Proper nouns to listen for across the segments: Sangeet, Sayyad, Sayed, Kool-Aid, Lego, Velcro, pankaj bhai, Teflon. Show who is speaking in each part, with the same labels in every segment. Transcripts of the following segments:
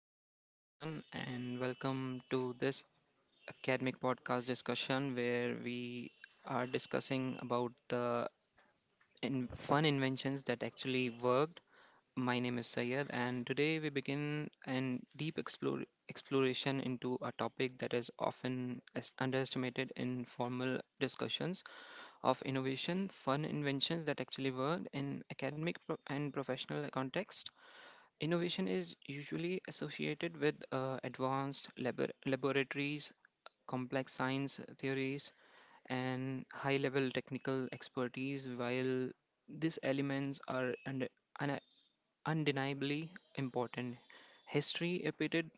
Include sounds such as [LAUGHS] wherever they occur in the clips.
Speaker 1: good day, everyone, and welcome to this academic podcast discussion where we are discussing about the in fun inventions that actually worked. My name is Sayed, and today we begin an exploration into a topic that is often underestimated in formal discussions of innovation, fun inventions that actually worked in academic pro- and professional context. Innovation is usually associated with advanced laboratories, complex science theories, and high level technical expertise, while these elements are un- undeniably important. History repeated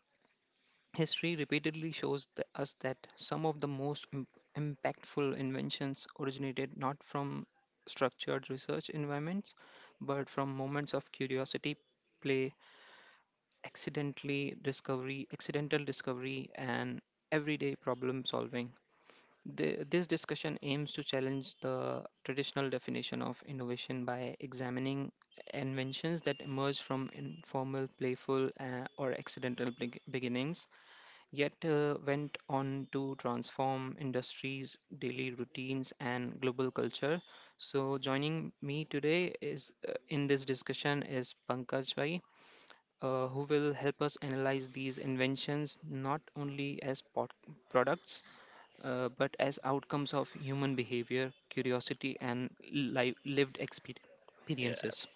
Speaker 1: History repeatedly shows us that some of the most impactful inventions originated not from structured research environments, but from moments of curiosity, play, accidental discovery, and everyday problem solving. This discussion aims to challenge the traditional definition of innovation by examining inventions that emerge from informal playful, or accidental beginnings, yet went on to transform industries, daily routines, and global culture. So joining me today is in this discussion is Pankaj Bhai, who will help us analyze these inventions not only as products, but as outcomes of human behavior, curiosity, and
Speaker 2: Yeah,
Speaker 1: experiences.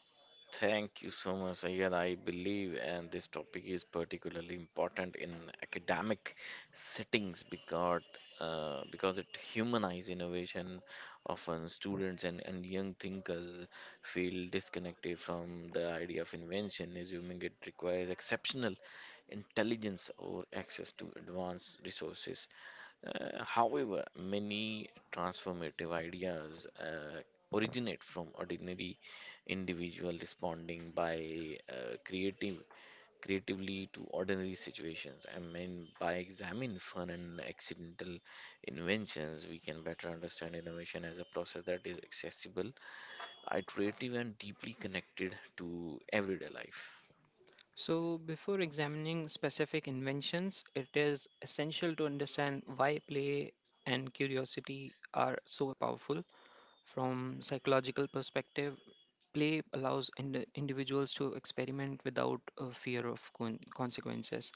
Speaker 2: thank you so much, Sayyad. I believe, and this topic is particularly important in academic settings because it humanizes innovation. Often, students and young thinkers feel disconnected from the idea of invention, assuming it requires exceptional intelligence or access to advanced resources. However, many transformative ideas. Originate from ordinary individual responding by creatively to ordinary situations. I mean, by examining fun and accidental inventions, we can better understand innovation as a process that is accessible, iterative, and deeply connected to everyday life.
Speaker 1: So, before examining specific inventions, it is essential to understand why play and curiosity are so powerful. From psychological perspective, play allows individuals to experiment without a fear of consequences.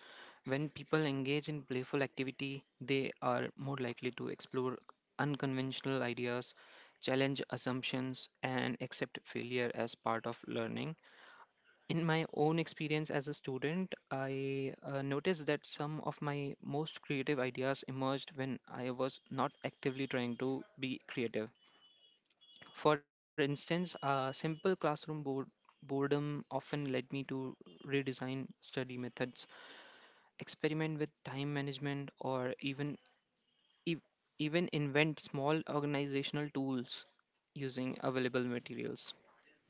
Speaker 1: When people engage in playful activity, they are more likely to explore unconventional ideas, challenge assumptions, and accept failure as part of learning. In my own experience as a student, I noticed that some of my most creative ideas emerged when I was not actively trying to be creative. For instance, a simple classroom board boredom often led me to redesign study methods, experiment with time management, or ev- even invent small organizational tools using available materials.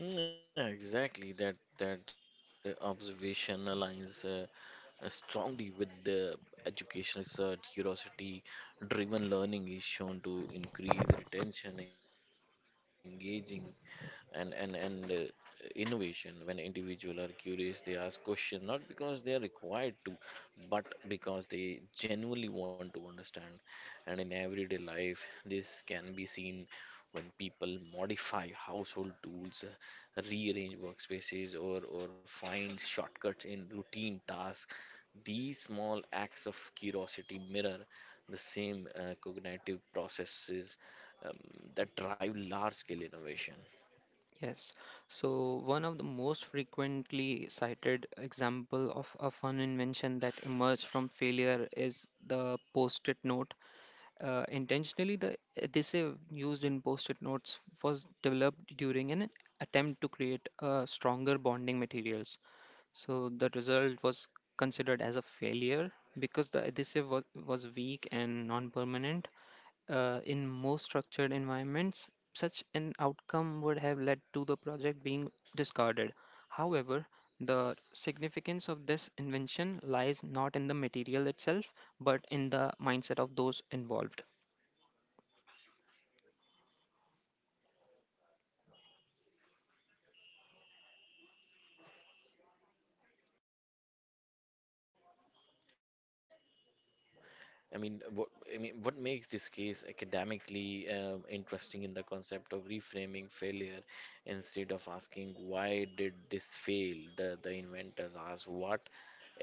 Speaker 2: Yeah, exactly. That observation aligns strongly with the education research curiosity driven learning is shown to increase retention engaging and innovation when individuals are curious they ask questions not because they are required to but because they genuinely want to understand. And in everyday life, this can be seen when people modify household tools, rearrange workspaces, or find shortcuts in routine tasks. These small acts of curiosity mirror the same cognitive processes um, that drive large scale innovation.
Speaker 1: Yes. So one of the most frequently cited example of a fun invention that emerged from failure is the post-it note. Intentionally, the adhesive used in post-it notes was developed during an attempt to create stronger bonding materials. So the result was considered as a failure because the adhesive was weak and non-permanent. In most structured environments, such an outcome would have led to the project being discarded. However, the significance of this invention lies not in the material itself, but in the mindset of those involved.
Speaker 2: I mean, what what makes this case academically interesting in the concept of reframing failure instead of asking why did this fail? The inventors ask what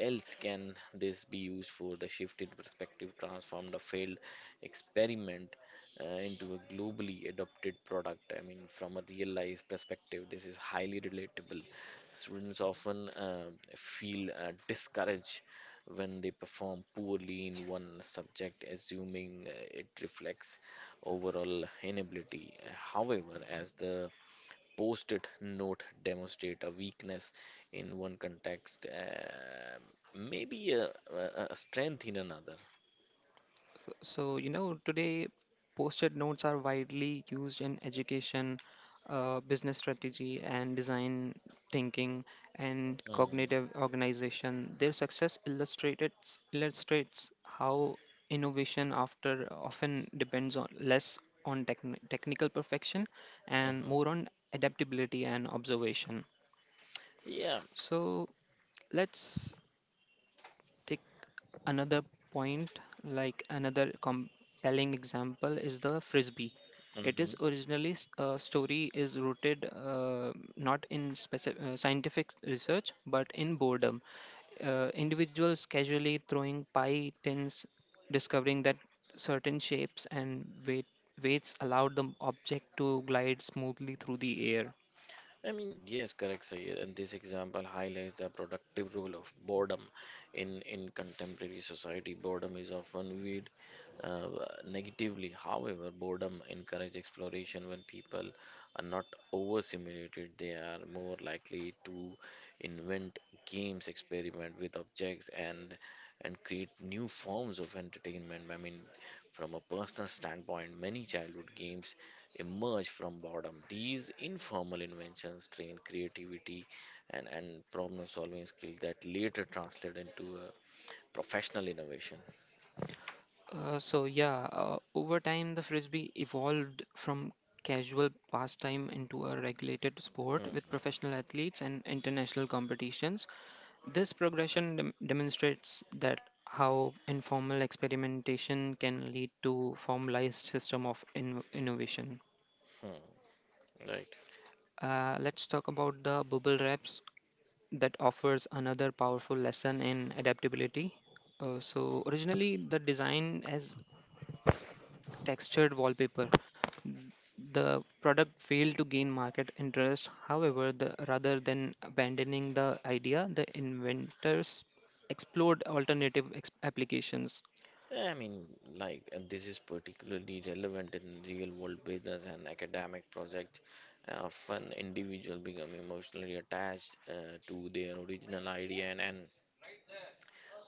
Speaker 2: else can this be used for? The shift in perspective transformed a failed experiment into a globally adopted product. I mean, from a real life perspective, this is highly relatable. Students often feel discouraged when they perform poorly in one subject, assuming it reflects overall inability. However, as the post it note demonstrate a weakness in one context, maybe a strength in another.
Speaker 1: So, you know, today post-it notes are widely used in education, business strategy, and design thinking and cognitive
Speaker 2: Mm-hmm.
Speaker 1: organization. Their success illustrates how innovation after often depends on less on technical perfection and
Speaker 2: Mm-hmm.
Speaker 1: more on adaptability and observation.
Speaker 2: Yeah.
Speaker 1: So, let's take another point, like another compelling example is the frisbee. It is
Speaker 2: Mhm.
Speaker 1: originally story is rooted, not in specific scientific research, but in boredom. Uh, individuals casually throwing pie tins, discovering that certain shapes and weights allowed the object to glide smoothly through the air.
Speaker 2: I mean, yes, correct, Sayed. And this example highlights the productive role of boredom in contemporary society. Boredom is often viewed uh, negatively. However, boredom encourages exploration when people are not overstimulated. They are more likely to invent games, experiment with objects, and create new forms of entertainment. I mean, from a personal standpoint, many childhood games emerge from boredom. These informal inventions train creativity and problem solving skills that later translate into a professional innovation.
Speaker 1: So yeah, over time the frisbee evolved from casual pastime into a regulated sport with
Speaker 2: Hmm,
Speaker 1: professional athletes and international competitions. This progression demonstrates that how informal experimentation can lead to formalized system of innovation.
Speaker 2: hmm, right.
Speaker 1: Let's talk about the bubble wraps that offers another powerful lesson in adaptability. So originally the design as textured wallpaper. The product failed to gain market interest. However, rather than abandoning the idea, the inventors explored alternative applications.
Speaker 2: Yeah, I mean, like, and this is particularly relevant in real world business and academic projects. Often, individuals become emotionally attached to their original idea and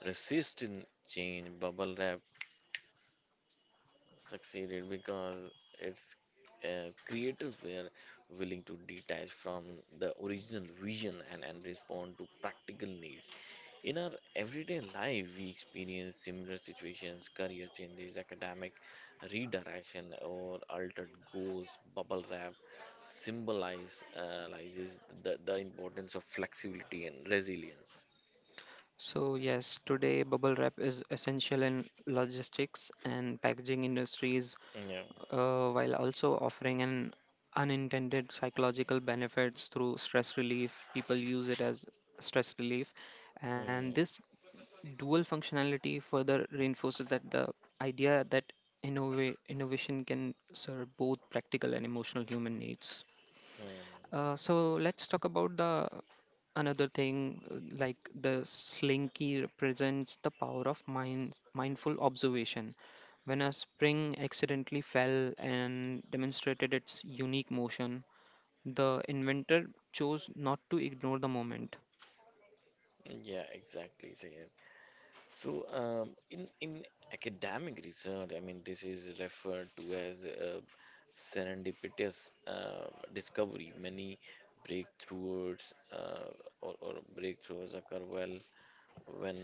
Speaker 2: resist in change. Bubble wrap succeeded because it's a creative were willing to detach from the original vision and respond to practical needs. In our everyday life, we experience similar situations, career changes, academic redirection, or altered goals. Bubble wrap symbolizes the importance of flexibility and resilience.
Speaker 1: So yes, today bubble wrap is essential in logistics and packaging industries,
Speaker 2: Yeah.
Speaker 1: while also offering an unintended psychological benefits through stress relief. People use it as stress relief, and
Speaker 2: Hmm.
Speaker 1: this dual functionality further reinforces that the idea that innovation can serve both practical and emotional human needs.
Speaker 2: Hmm.
Speaker 1: So let's talk about the another thing, like the slinky represents the power of mindful observation. When a spring accidentally fell and demonstrated its unique motion, the inventor chose not to ignore the moment.
Speaker 2: Yeah, exactly. In academic research, I mean, this is referred to as serendipitous discovery. Many breakthroughs or breakthroughs occur well when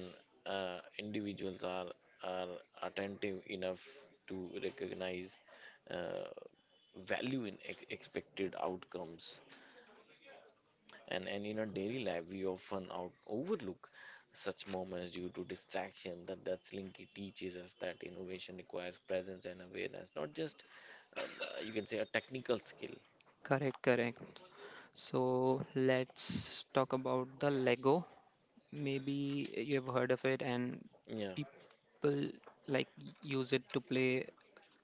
Speaker 2: individuals are are attentive enough to recognize uh, value in ex expected outcomes. And in our daily life, we often out overlook such moments due to distraction. That Slinky teaches us that innovation requires presence and awareness, not just you can say a technical skill.
Speaker 1: Correct. So let's talk about the Lego. Maybe you have heard of it, and
Speaker 2: Yeah,
Speaker 1: people like use it to play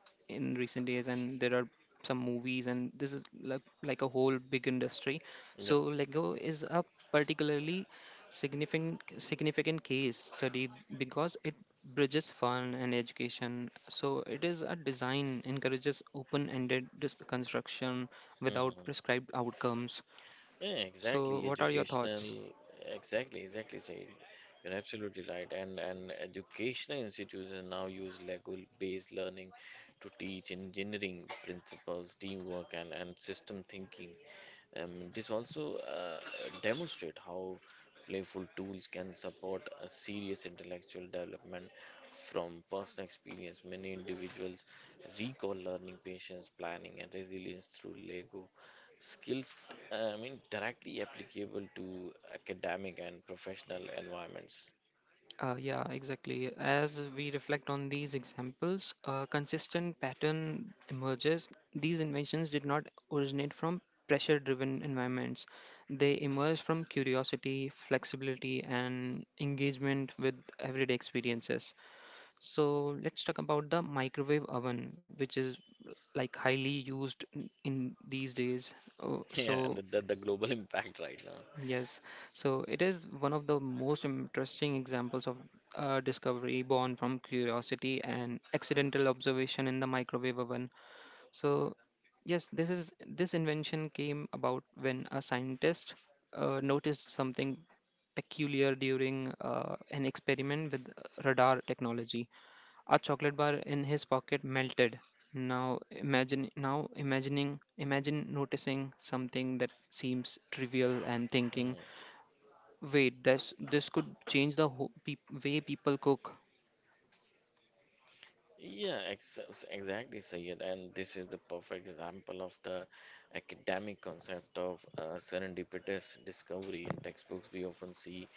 Speaker 1: in recent days. And there are some movies, and this is like a whole big industry.
Speaker 2: yeah.
Speaker 1: So Lego is a particularly significant case study because it bridges fun and education. So it is a design encourages open-ended construction without
Speaker 2: Mm-hmm.
Speaker 1: prescribed outcomes.
Speaker 2: Yeah,
Speaker 1: So,
Speaker 2: exactly.
Speaker 1: what are your
Speaker 2: Educational,
Speaker 1: thoughts?
Speaker 2: exactly, exactly, Said. You're absolutely right. And educational institutions now use Lego-based learning to teach engineering principles, teamwork, and system thinking. This also demonstrate how playful tools can support a serious intellectual development from personal experience. Many individuals recall learning patience, planning, and resilience through Lego Skills, I mean, directly applicable to academic and professional environments.
Speaker 1: Yeah, exactly. As we reflect on these examples, a consistent pattern emerges. These inventions did not originate from pressure driven environments, they emerged from curiosity, flexibility, and engagement with everyday experiences. So, let's talk about the microwave oven, which is like highly used in these days.
Speaker 2: [LAUGHS] Yeah, and
Speaker 1: So,
Speaker 2: the global [LAUGHS] impact right now.
Speaker 1: yes, so it is one of the most interesting examples of discovery born from curiosity and accidental observation in the microwave oven. So, yes, this invention came about when a scientist noticed something peculiar during an experiment with radar technology. A chocolate bar in his pocket melted. Now imagine now imagining imagine noticing something that seems trivial and thinking,
Speaker 2: Mhm.
Speaker 1: wait, this could change the whole way people cook.
Speaker 2: Yeah, exactly, Sayed. And this is the perfect example of the academic concept of serendipitous discovery. In textbooks, we often see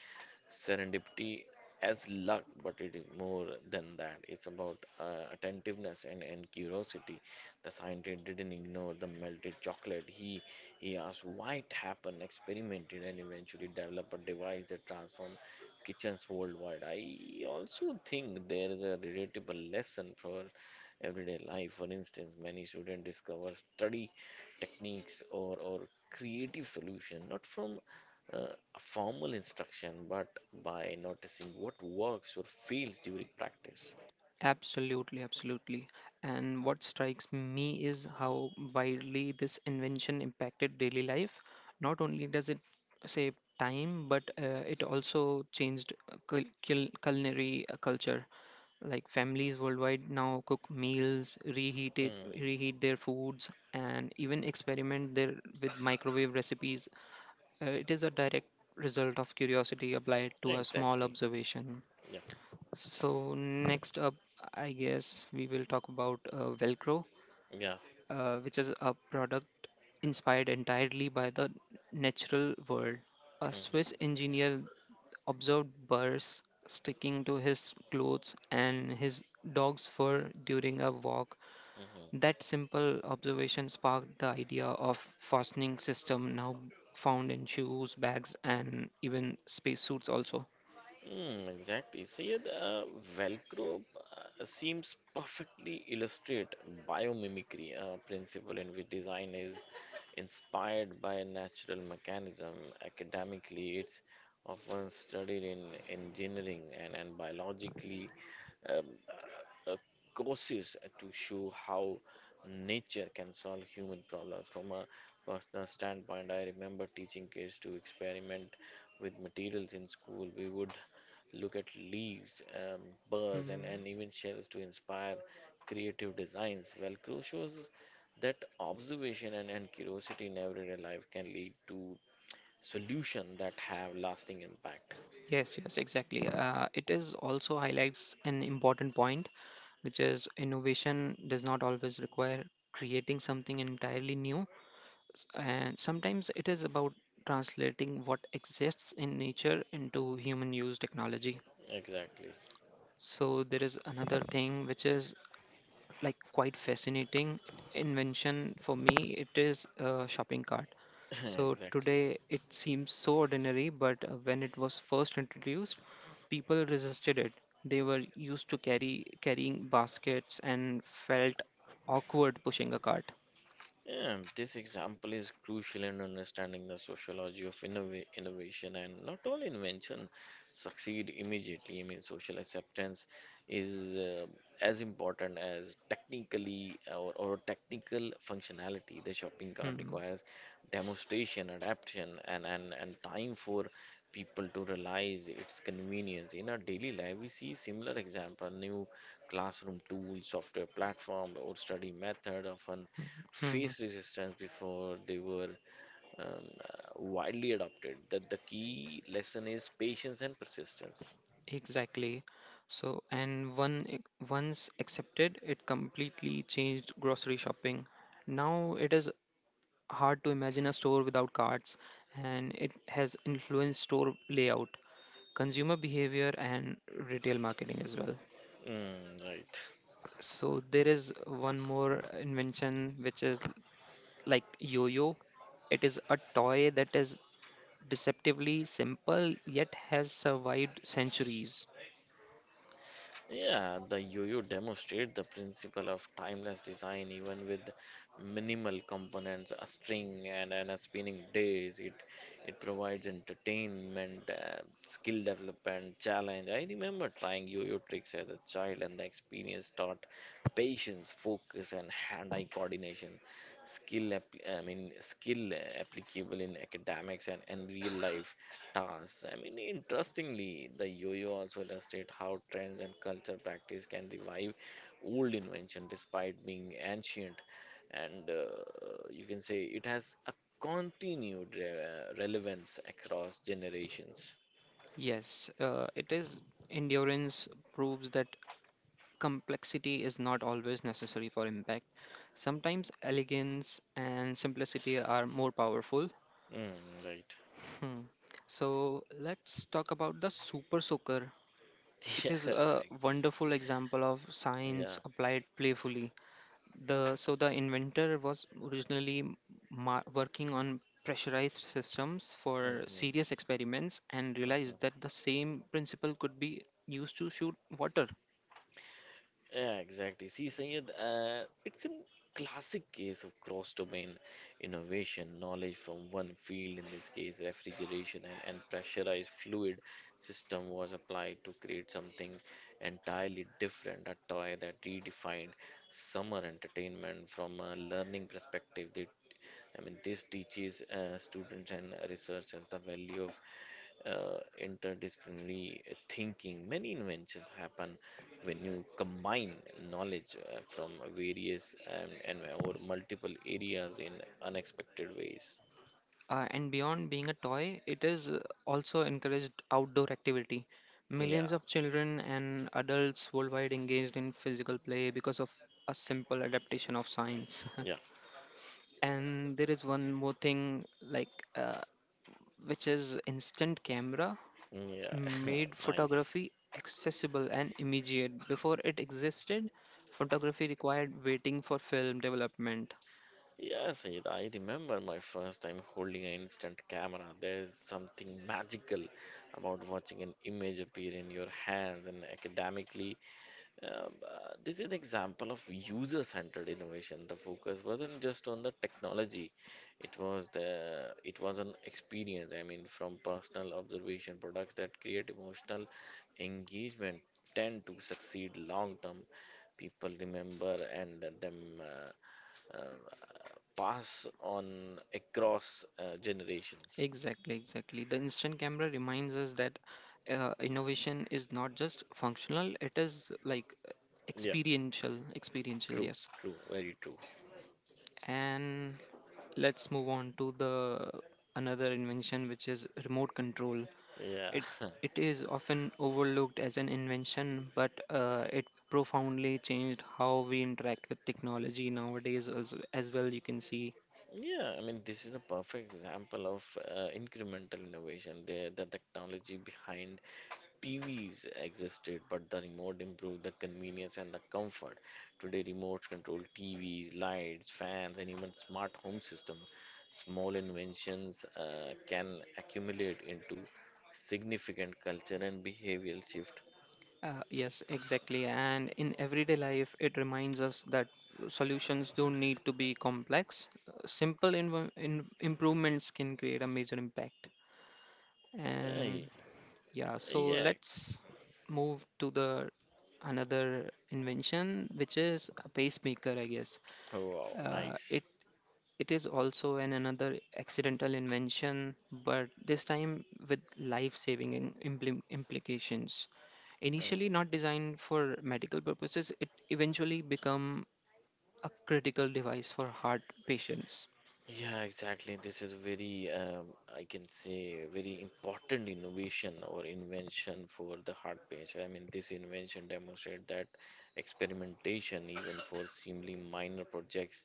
Speaker 2: serendipity as luck, but it is more than that. It's about attentiveness and curiosity. The scientist didn't ignore the melted chocolate. He asked why it happened, experimented, and eventually developed a device that transformed kitchens worldwide. I also think there is a relatable lesson for everyday life. For instance, many students discover study techniques or creative solution not from uh, a formal instruction, but by noticing what works or fails during practice.
Speaker 1: Absolutely, absolutely. And what strikes me is how widely this invention impacted daily life. Not only does it save time, but it also changed culinary culture. Like families worldwide now cook meals,
Speaker 2: Hmm.
Speaker 1: reheat their foods, and even experiment their with microwave recipes. It is a direct result of curiosity applied to a small
Speaker 2: Exactly.
Speaker 1: observation.
Speaker 2: Yeah.
Speaker 1: So, next up, I guess we will talk about Velcro,
Speaker 2: Yeah.
Speaker 1: which is a product inspired entirely by the natural world. A Swiss
Speaker 2: Hmm.
Speaker 1: engineer observed burrs sticking to his clothes and his dog's fur during a walk.
Speaker 2: Hmm.
Speaker 1: That simple observation sparked the idea of fastening system now found in shoes, bags, and even spacesuits also.
Speaker 2: Mm, exactly. See, Velcro seems perfectly illustrate biomimicry principle in which design is inspired by a natural mechanism. Academically, it's often studied in engineering and biologically. um, uh, Courses to show how nature can solve human problems. From a personal standpoint, I remember teaching kids to experiment with materials in school. We would look at leaves, birds, and,
Speaker 1: Hmm.
Speaker 2: and even shells to inspire creative designs. Velcro shows that observation and curiosity in everyday life can lead to solutions that have lasting impact.
Speaker 1: Yes, yes, exactly. It is also highlights an important point, which is innovation does not always require creating something entirely new, and sometimes it is about translating what exists in nature into human use technology.
Speaker 2: Exactly.
Speaker 1: So there is another thing which is like quite fascinating invention for me, it is a shopping cart.
Speaker 2: [LAUGHS]
Speaker 1: So
Speaker 2: Exactly.
Speaker 1: today it seems so ordinary, but when it was first introduced, people resisted it. They were used to carrying baskets and felt awkward pushing a cart.
Speaker 2: Yeah, this example is crucial in understanding the sociology of innovation and not all invention succeed immediately. I mean, social acceptance is as important as technically or technical functionality. The shopping cart
Speaker 1: Hmm.
Speaker 2: requires demonstration, adaptation, and time for people to realize its convenience. In our daily life, we see similar example, new classroom tools, software platform, or study method often
Speaker 1: Hmm.
Speaker 2: face resistance before they were um, uh, widely adopted that the key lesson is patience and persistence.
Speaker 1: Exactly. So, and once accepted, it completely changed grocery shopping. Now it is hard to imagine a store without carts, and it has influenced store layout, consumer behavior, and retail marketing as well.
Speaker 2: Mm, right.
Speaker 1: So there is one more invention which is like yo-yo. It is a toy that is deceptively simple yet has survived centuries.
Speaker 2: Yeah, the yo-yo demonstrate the principle of timeless design even with minimal components, a string and a spinning disk. It provides entertainment, skill development, challenge. I remember trying yo-yo tricks as a child, and the experience taught patience, focus, and hand-eye coordination. I mean, skill applicable in academics and real-life tasks. I mean, interestingly, the yo-yo also illustrates how trends and culture practice can revive old invention despite being ancient and you can say it has a continued relevance across generations.
Speaker 1: Yes, it is endurance proves that complexity is not always necessary for impact. Sometimes elegance and simplicity are more powerful.
Speaker 2: Mm, right.
Speaker 1: Hmm. So let's talk about the super soaker.
Speaker 2: [LAUGHS]
Speaker 1: It is
Speaker 2: Yeah.
Speaker 1: a wonderful example of
Speaker 2: Yeah.
Speaker 1: science applied playfully. The inventor was originally working on pressurized systems for
Speaker 2: Mhm,
Speaker 1: serious experiments and realized
Speaker 2: mhm.
Speaker 1: that the same principle could be used to shoot water.
Speaker 2: Yeah, exactly. See, Sayed, it's a classic case of cross-domain innovation, knowledge from one field, in this case refrigeration and pressurized fluid system was applied to create something entirely different, a toy that redefined summer entertainment from a learning perspective. They I mean, this teaches students and researchers the value of interdisciplinary thinking. Many inventions happen when you combine knowledge from various and or multiple areas in unexpected ways.
Speaker 1: And beyond being a toy, it is also encouraged outdoor activity.
Speaker 2: Yeah,
Speaker 1: Millions of children and adults worldwide engaged in physical play because of a simple adaptation of science. [LAUGHS]
Speaker 2: yeah,
Speaker 1: And there is one more thing, like, uh, which is instant camera,
Speaker 2: yeah.
Speaker 1: made
Speaker 2: [LAUGHS] Nice.
Speaker 1: photography accessible and immediate. Before it existed, photography required waiting for film development.
Speaker 2: Yes, Sayed, I remember my first time holding an instant camera. There is something magical about watching an image appear in your hands, and academically, this is an example of user-centered innovation. The focus wasn't just on the technology; it was an experience. I mean, from personal observation, products that create emotional engagement tend to succeed long term. People remember and them uh, pass on across generations.
Speaker 1: Exactly, exactly. The instant camera reminds us that innovation is not just functional, it is like
Speaker 2: Yeah,
Speaker 1: experiential,
Speaker 2: true,
Speaker 1: yes.
Speaker 2: true, very true.
Speaker 1: And let's move on to the another invention which is remote control.
Speaker 2: Yeah.
Speaker 1: It
Speaker 2: [LAUGHS]
Speaker 1: it is often overlooked as an invention, but it profoundly changed how we interact with technology nowadays also as well, you can see.
Speaker 2: Yeah, I mean, this is a perfect example of incremental innovation. There, the technology behind TVs existed, but the remote improved the convenience and the comfort. Today, remote control TVs, lights, fans, and even smart home system. Small inventions can accumulate into significant culture and behavioral shift.
Speaker 1: Yes, exactly. And in everyday life, it reminds us that solutions don't need to be complex. Simple inv- in improvements can create a major impact.
Speaker 2: Uh,
Speaker 1: And yeah, so
Speaker 2: yeah,
Speaker 1: let's move to the another invention, which is a pacemaker, I guess.
Speaker 2: Oh, wow,
Speaker 1: Uh,
Speaker 2: nice.
Speaker 1: it it is also an another accidental invention, but this time with life-saving implications. Initially
Speaker 2: Oh.
Speaker 1: not designed for medical purposes, it eventually become a critical device for heart patients.
Speaker 2: Yeah, exactly. This is very, I can say, very important innovation or invention for the heart patient. I mean, this invention demonstrates that experimentation, even for seemingly minor projects,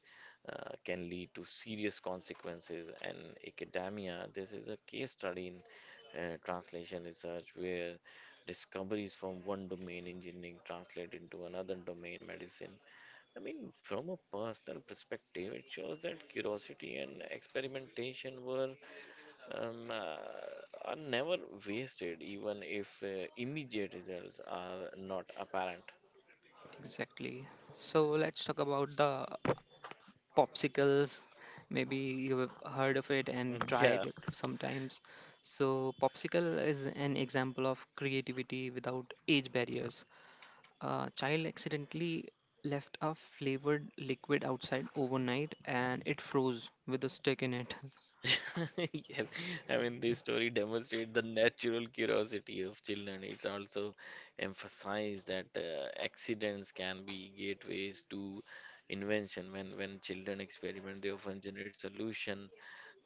Speaker 2: can lead to serious consequences. And academia, this is a case study in translation research where discoveries from one domain, engineering, translate into another domain, medicine. I mean, from a personal perspective, it shows that curiosity and experimentation were um, uh, are never wasted, even if immediate results are not apparent.
Speaker 1: Exactly. So let's talk about the popsicles. Maybe you've heard of it and tried
Speaker 2: Yeah.
Speaker 1: it sometimes. So popsicle is an example of creativity without age barriers. A child accidentally left a flavored liquid outside overnight and it froze with a stick in it.
Speaker 2: [LAUGHS] Yes. I mean, this story demonstrates the natural curiosity of children. It's also emphasized that accidents can be gateways to invention. When children experiment, they often generate solution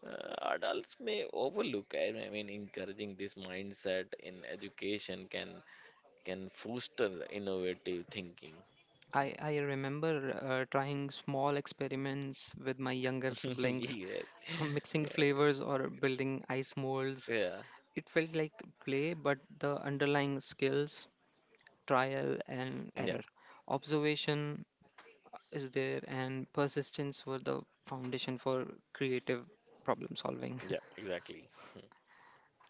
Speaker 2: Adults may overlook, I mean, encouraging this mindset in education can foster innovative thinking.
Speaker 1: [LAUGHS] I remember trying small experiments with my younger
Speaker 2: [LAUGHS]
Speaker 1: siblings,
Speaker 2: Yes.
Speaker 1: [LAUGHS]
Speaker 2: Yeah.
Speaker 1: mixing flavors or building ice molds.
Speaker 2: Yeah.
Speaker 1: It felt like play, but the underlying skills, trial and
Speaker 2: Yeah.
Speaker 1: error, observation and persistence were the foundation for creative problem solving.
Speaker 2: Yeah, exactly.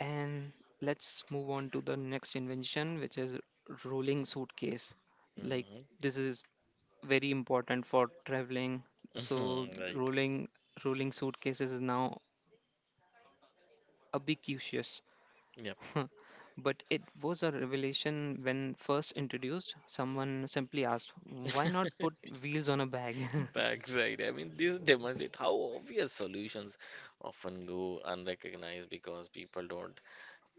Speaker 1: And let's move on to the next invention, which is rolling suitcase. Like
Speaker 2: Hmm.
Speaker 1: this is very important for traveling. So
Speaker 2: [LAUGHS] Right.
Speaker 1: rolling suitcases is now a big issues.
Speaker 2: Yep.
Speaker 1: [LAUGHS] But it was a revelation when first introduced. Someone simply asked, why not put
Speaker 2: [LAUGHS]
Speaker 1: wheels on a bag? [LAUGHS]
Speaker 2: Backside. I mean, this demonstrates how obvious solutions often go unrecognized because people don't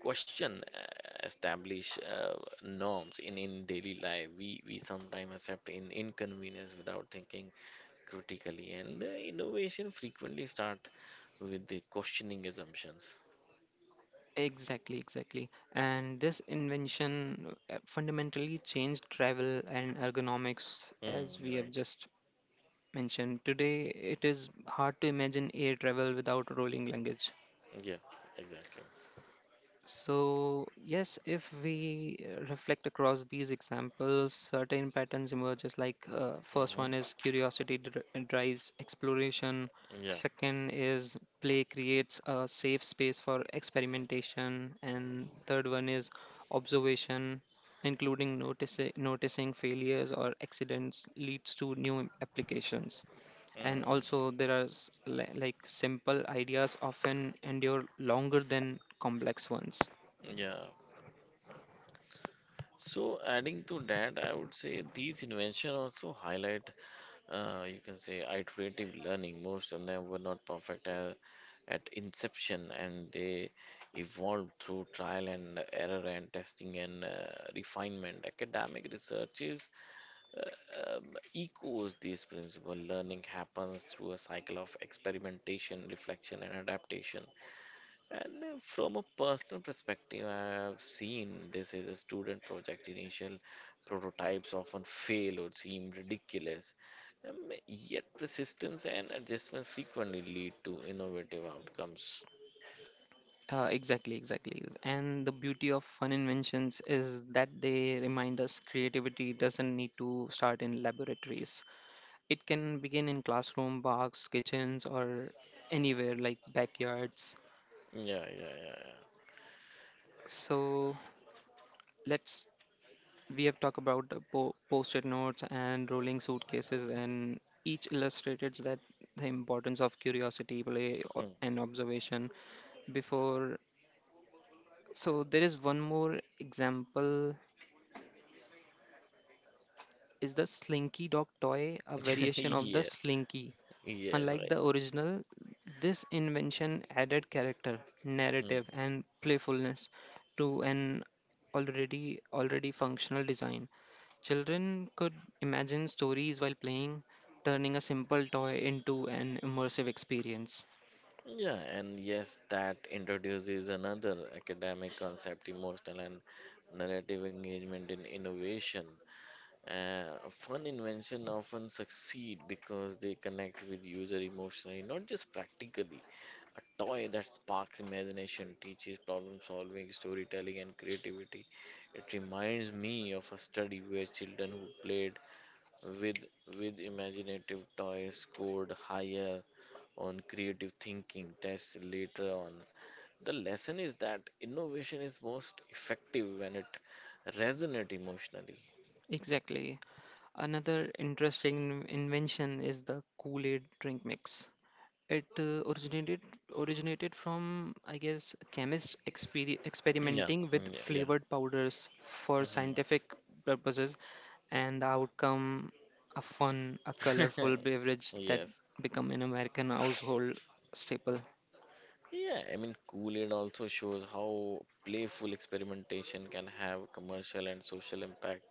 Speaker 2: question establish norms in daily life we sometimes accept in inconvenience without thinking critically and innovation frequently start with the questioning assumptions.
Speaker 1: Exactly, exactly. And this invention fundamentally changed travel and ergonomics, as
Speaker 2: Mm,
Speaker 1: we have
Speaker 2: right.
Speaker 1: just mentioned, today it is hard to imagine air travel without rolling luggage.
Speaker 2: Yeah, exactly.
Speaker 1: So, yes, if we reflect across these examples, certain patterns emerges like first one
Speaker 2: Hmm.
Speaker 1: is curiosity drives exploration,
Speaker 2: Yeah.
Speaker 1: second is play creates a safe space for experimentation, and third one is observation, including noticing failures or accidents leads to new applications, and
Speaker 2: Mm,
Speaker 1: also there are like simple ideas often endure longer than complex ones.
Speaker 2: yeah. So adding to that, I would say these inventions also highlight you can say iterative learning. Most of them were not perfect at inception, and they evolved through trial and error and testing and refinement. Academic research is, uh, um, echoes this principle. Learning happens through a cycle of experimentation, reflection, and adaptation. And from a personal perspective, I have seen this is a student project. Initial prototypes often fail or seem ridiculous. Um, Yet persistence and adjustment frequently lead to innovative outcomes.
Speaker 1: Exactly, and the beauty of fun inventions is that they remind us creativity doesn't need to start in laboratories. It can begin in classroom, parks, kitchens, or anywhere like backyards.
Speaker 2: Yeah, yeah,
Speaker 1: So let's— we have talked about the post-it notes and rolling suitcases, and each illustrated that the importance of curiosity, play,
Speaker 2: yeah, yeah.
Speaker 1: and observation before. So there is one more example. Is the Slinky dog toy a
Speaker 2: Hmm. [LAUGHS]
Speaker 1: variation of the
Speaker 2: Yes,
Speaker 1: Slinky?
Speaker 2: yes,
Speaker 1: Unlike
Speaker 2: right.
Speaker 1: the original, this invention added character,
Speaker 2: Mm.
Speaker 1: narrative, and playfulness to an already functional design. Children could imagine stories while playing, turning a simple toy into an immersive experience.
Speaker 2: Yeah, and yes, that introduces another academic concept, emotional and narrative engagement in innovation. A fun invention often succeed because they connect with user emotionally, not just practically. A toy that sparks imagination, teaches problem solving, storytelling, and creativity. It reminds me of a study where children who played with with imaginative toys scored higher on creative thinking tests later on. The lesson is that innovation is most effective when it resonates emotionally.
Speaker 1: Exactly. Another interesting invention is the Kool-Aid drink mix. It originated from, I guess, chemists
Speaker 2: Yeah,
Speaker 1: experimenting with
Speaker 2: mm, yeah,
Speaker 1: flavored powders for
Speaker 2: yeah. Mhm.
Speaker 1: scientific purposes, and the outcome, a fun, a colorful
Speaker 2: [LAUGHS]
Speaker 1: beverage that
Speaker 2: Yes.
Speaker 1: become an American household staple.
Speaker 2: Yeah, I mean, Kool-Aid also shows how playful experimentation can have commercial and social impact.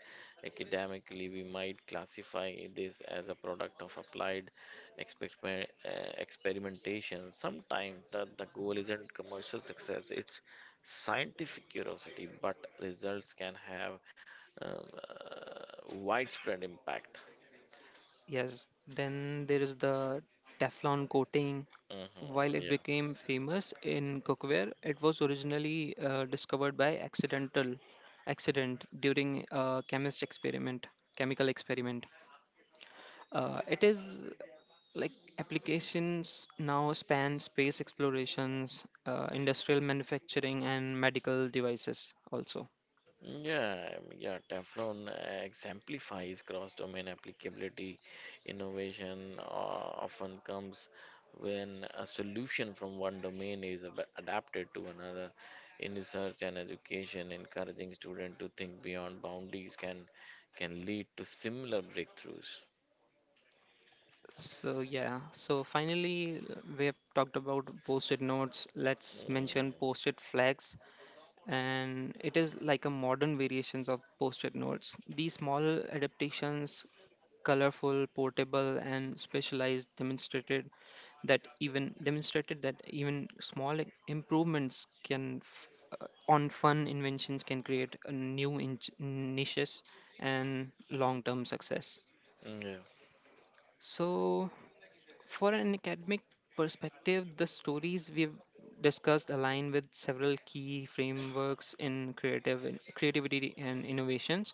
Speaker 2: Academically, we might classify this as a product of applied exper uh, experimentation. Sometimes the goal isn't commercial success, it's scientific curiosity, but results can have widespread impact.
Speaker 1: Yes, then there is the Teflon coating. While
Speaker 2: Hmm.
Speaker 1: it
Speaker 2: Yeah.
Speaker 1: became famous in cookware, it was originally discovered by accident during a chemical experiment. It is like applications now span space explorations, industrial manufacturing, and medical devices also.
Speaker 2: Yeah, yeah, Teflon exemplifies cross-domain applicability. Innovation often comes when a solution from one domain is adapted to another. In research and education, encouraging students to think beyond boundaries can lead to similar breakthroughs.
Speaker 1: So yeah, so finally we have talked about post-it notes. Let's mention
Speaker 2: Mm,
Speaker 1: post-it flags, and it is like a modern variations of post-it notes. These small adaptations, colorful, portable, and specialized, demonstrated that even small improvements on fun inventions can create a new inch niches and long-term success.
Speaker 2: yeah.
Speaker 1: So for an academic perspective, the stories we've discussed align with several key frameworks in creative creativity and innovations.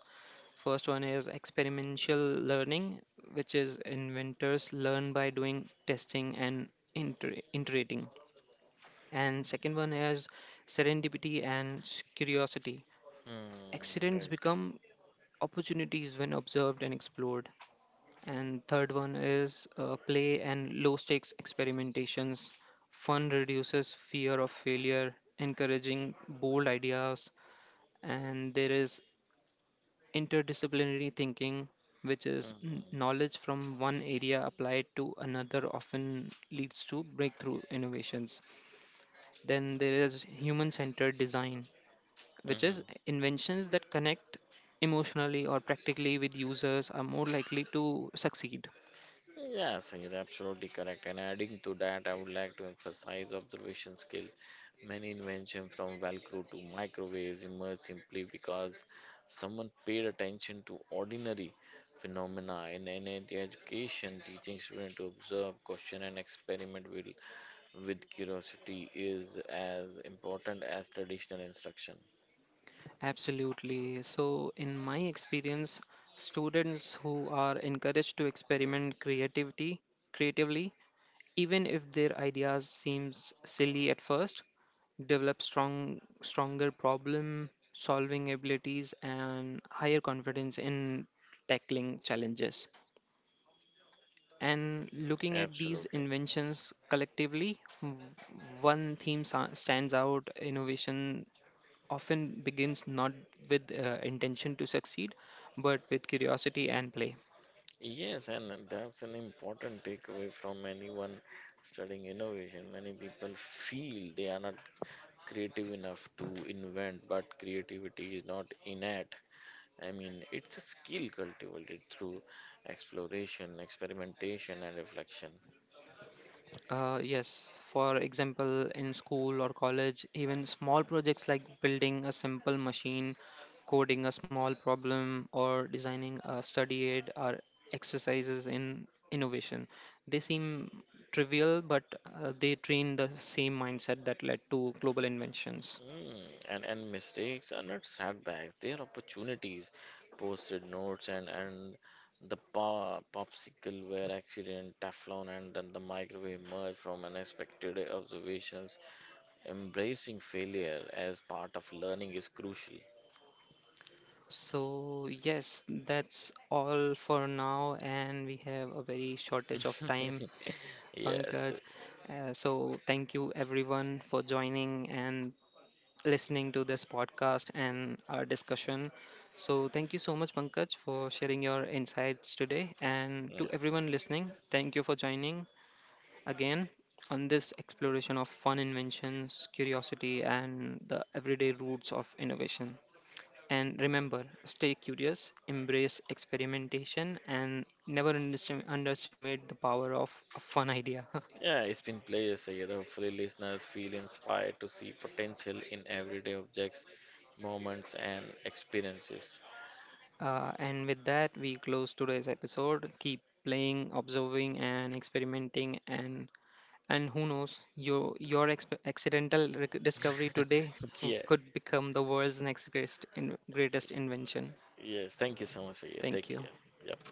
Speaker 1: First one is experiential learning, which is inventors learn by doing, testing, and iterating. And second one is serendipity and curiosity.
Speaker 2: Mm,
Speaker 1: Accidents
Speaker 2: right.
Speaker 1: become opportunities when observed and explored. And third one is play and low stakes experimentations. Fun reduces fear of failure, encouraging bold ideas. And there is interdisciplinary thinking, which is knowledge from one area applied to another, often leads to breakthrough innovations. Then there is human centered design, which
Speaker 2: Mm.
Speaker 1: is inventions that connect emotionally or practically with users are more likely to succeed.
Speaker 2: Yeah, Sangeet, absolutely correct. And adding to that, I would like to emphasize observation skills. Many inventions from Velcro to microwaves emerged simply because someone paid attention to ordinary phenomena in education. Teaching students to observe, question, and experiment with curiosity is as important as traditional instruction.
Speaker 1: Absolutely. So, in my experience, students who are encouraged to experiment creativity creatively, even if their ideas seems silly at first, develop stronger problem solving abilities and higher confidence in tackling challenges. And looking at these
Speaker 2: Absolutely.
Speaker 1: inventions collectively, one theme stands out: innovation often begins not with intention to succeed, but with curiosity and play.
Speaker 2: Yes, and that's an important takeaway from anyone studying innovation. Many people feel they are not creative enough to invent, but creativity is not innate. I mean, it's a skill cultivated through exploration, experimentation, and reflection.
Speaker 1: Yes, for example, in school or college, even small projects like building a simple machine, coding a small problem, or designing a study aid are exercises in innovation. They seem trivial, but they train the same mindset that led to global inventions.
Speaker 2: Mm, and mistakes are not setbacks; they are opportunities. Post-it notes and the pa popsicle ware accident, Teflon, and then the microwave emerge from unexpected observations. Embracing failure as part of learning is crucial.
Speaker 1: So, yes, that's all for now, and we have a very shortage of time,
Speaker 2: [LAUGHS] Yes.
Speaker 1: Pankaj. So, thank you everyone for joining and listening to this podcast and our discussion. So, thank you so much, Pankaj, for sharing your insights today. And
Speaker 2: Yeah.
Speaker 1: to everyone listening, thank you for joining again on this exploration of fun inventions, curiosity, and the everyday roots of innovation. And remember, stay curious, embrace experimentation, and never underestimate the power of a fun idea. [LAUGHS]
Speaker 2: Yeah, it's been pleasure, Sayed. Hopefully, listeners feel inspired to see potential in everyday objects, moments, and experiences.
Speaker 1: And with that, we close today's episode. Keep playing, observing, and experimenting. And who knows, your accidental discovery today
Speaker 2: [LAUGHS] Yeah.
Speaker 1: could become the world's next greatest invention.
Speaker 2: Yes, thank you so much. Yeah, take
Speaker 1: Thank you.
Speaker 2: care. Yep.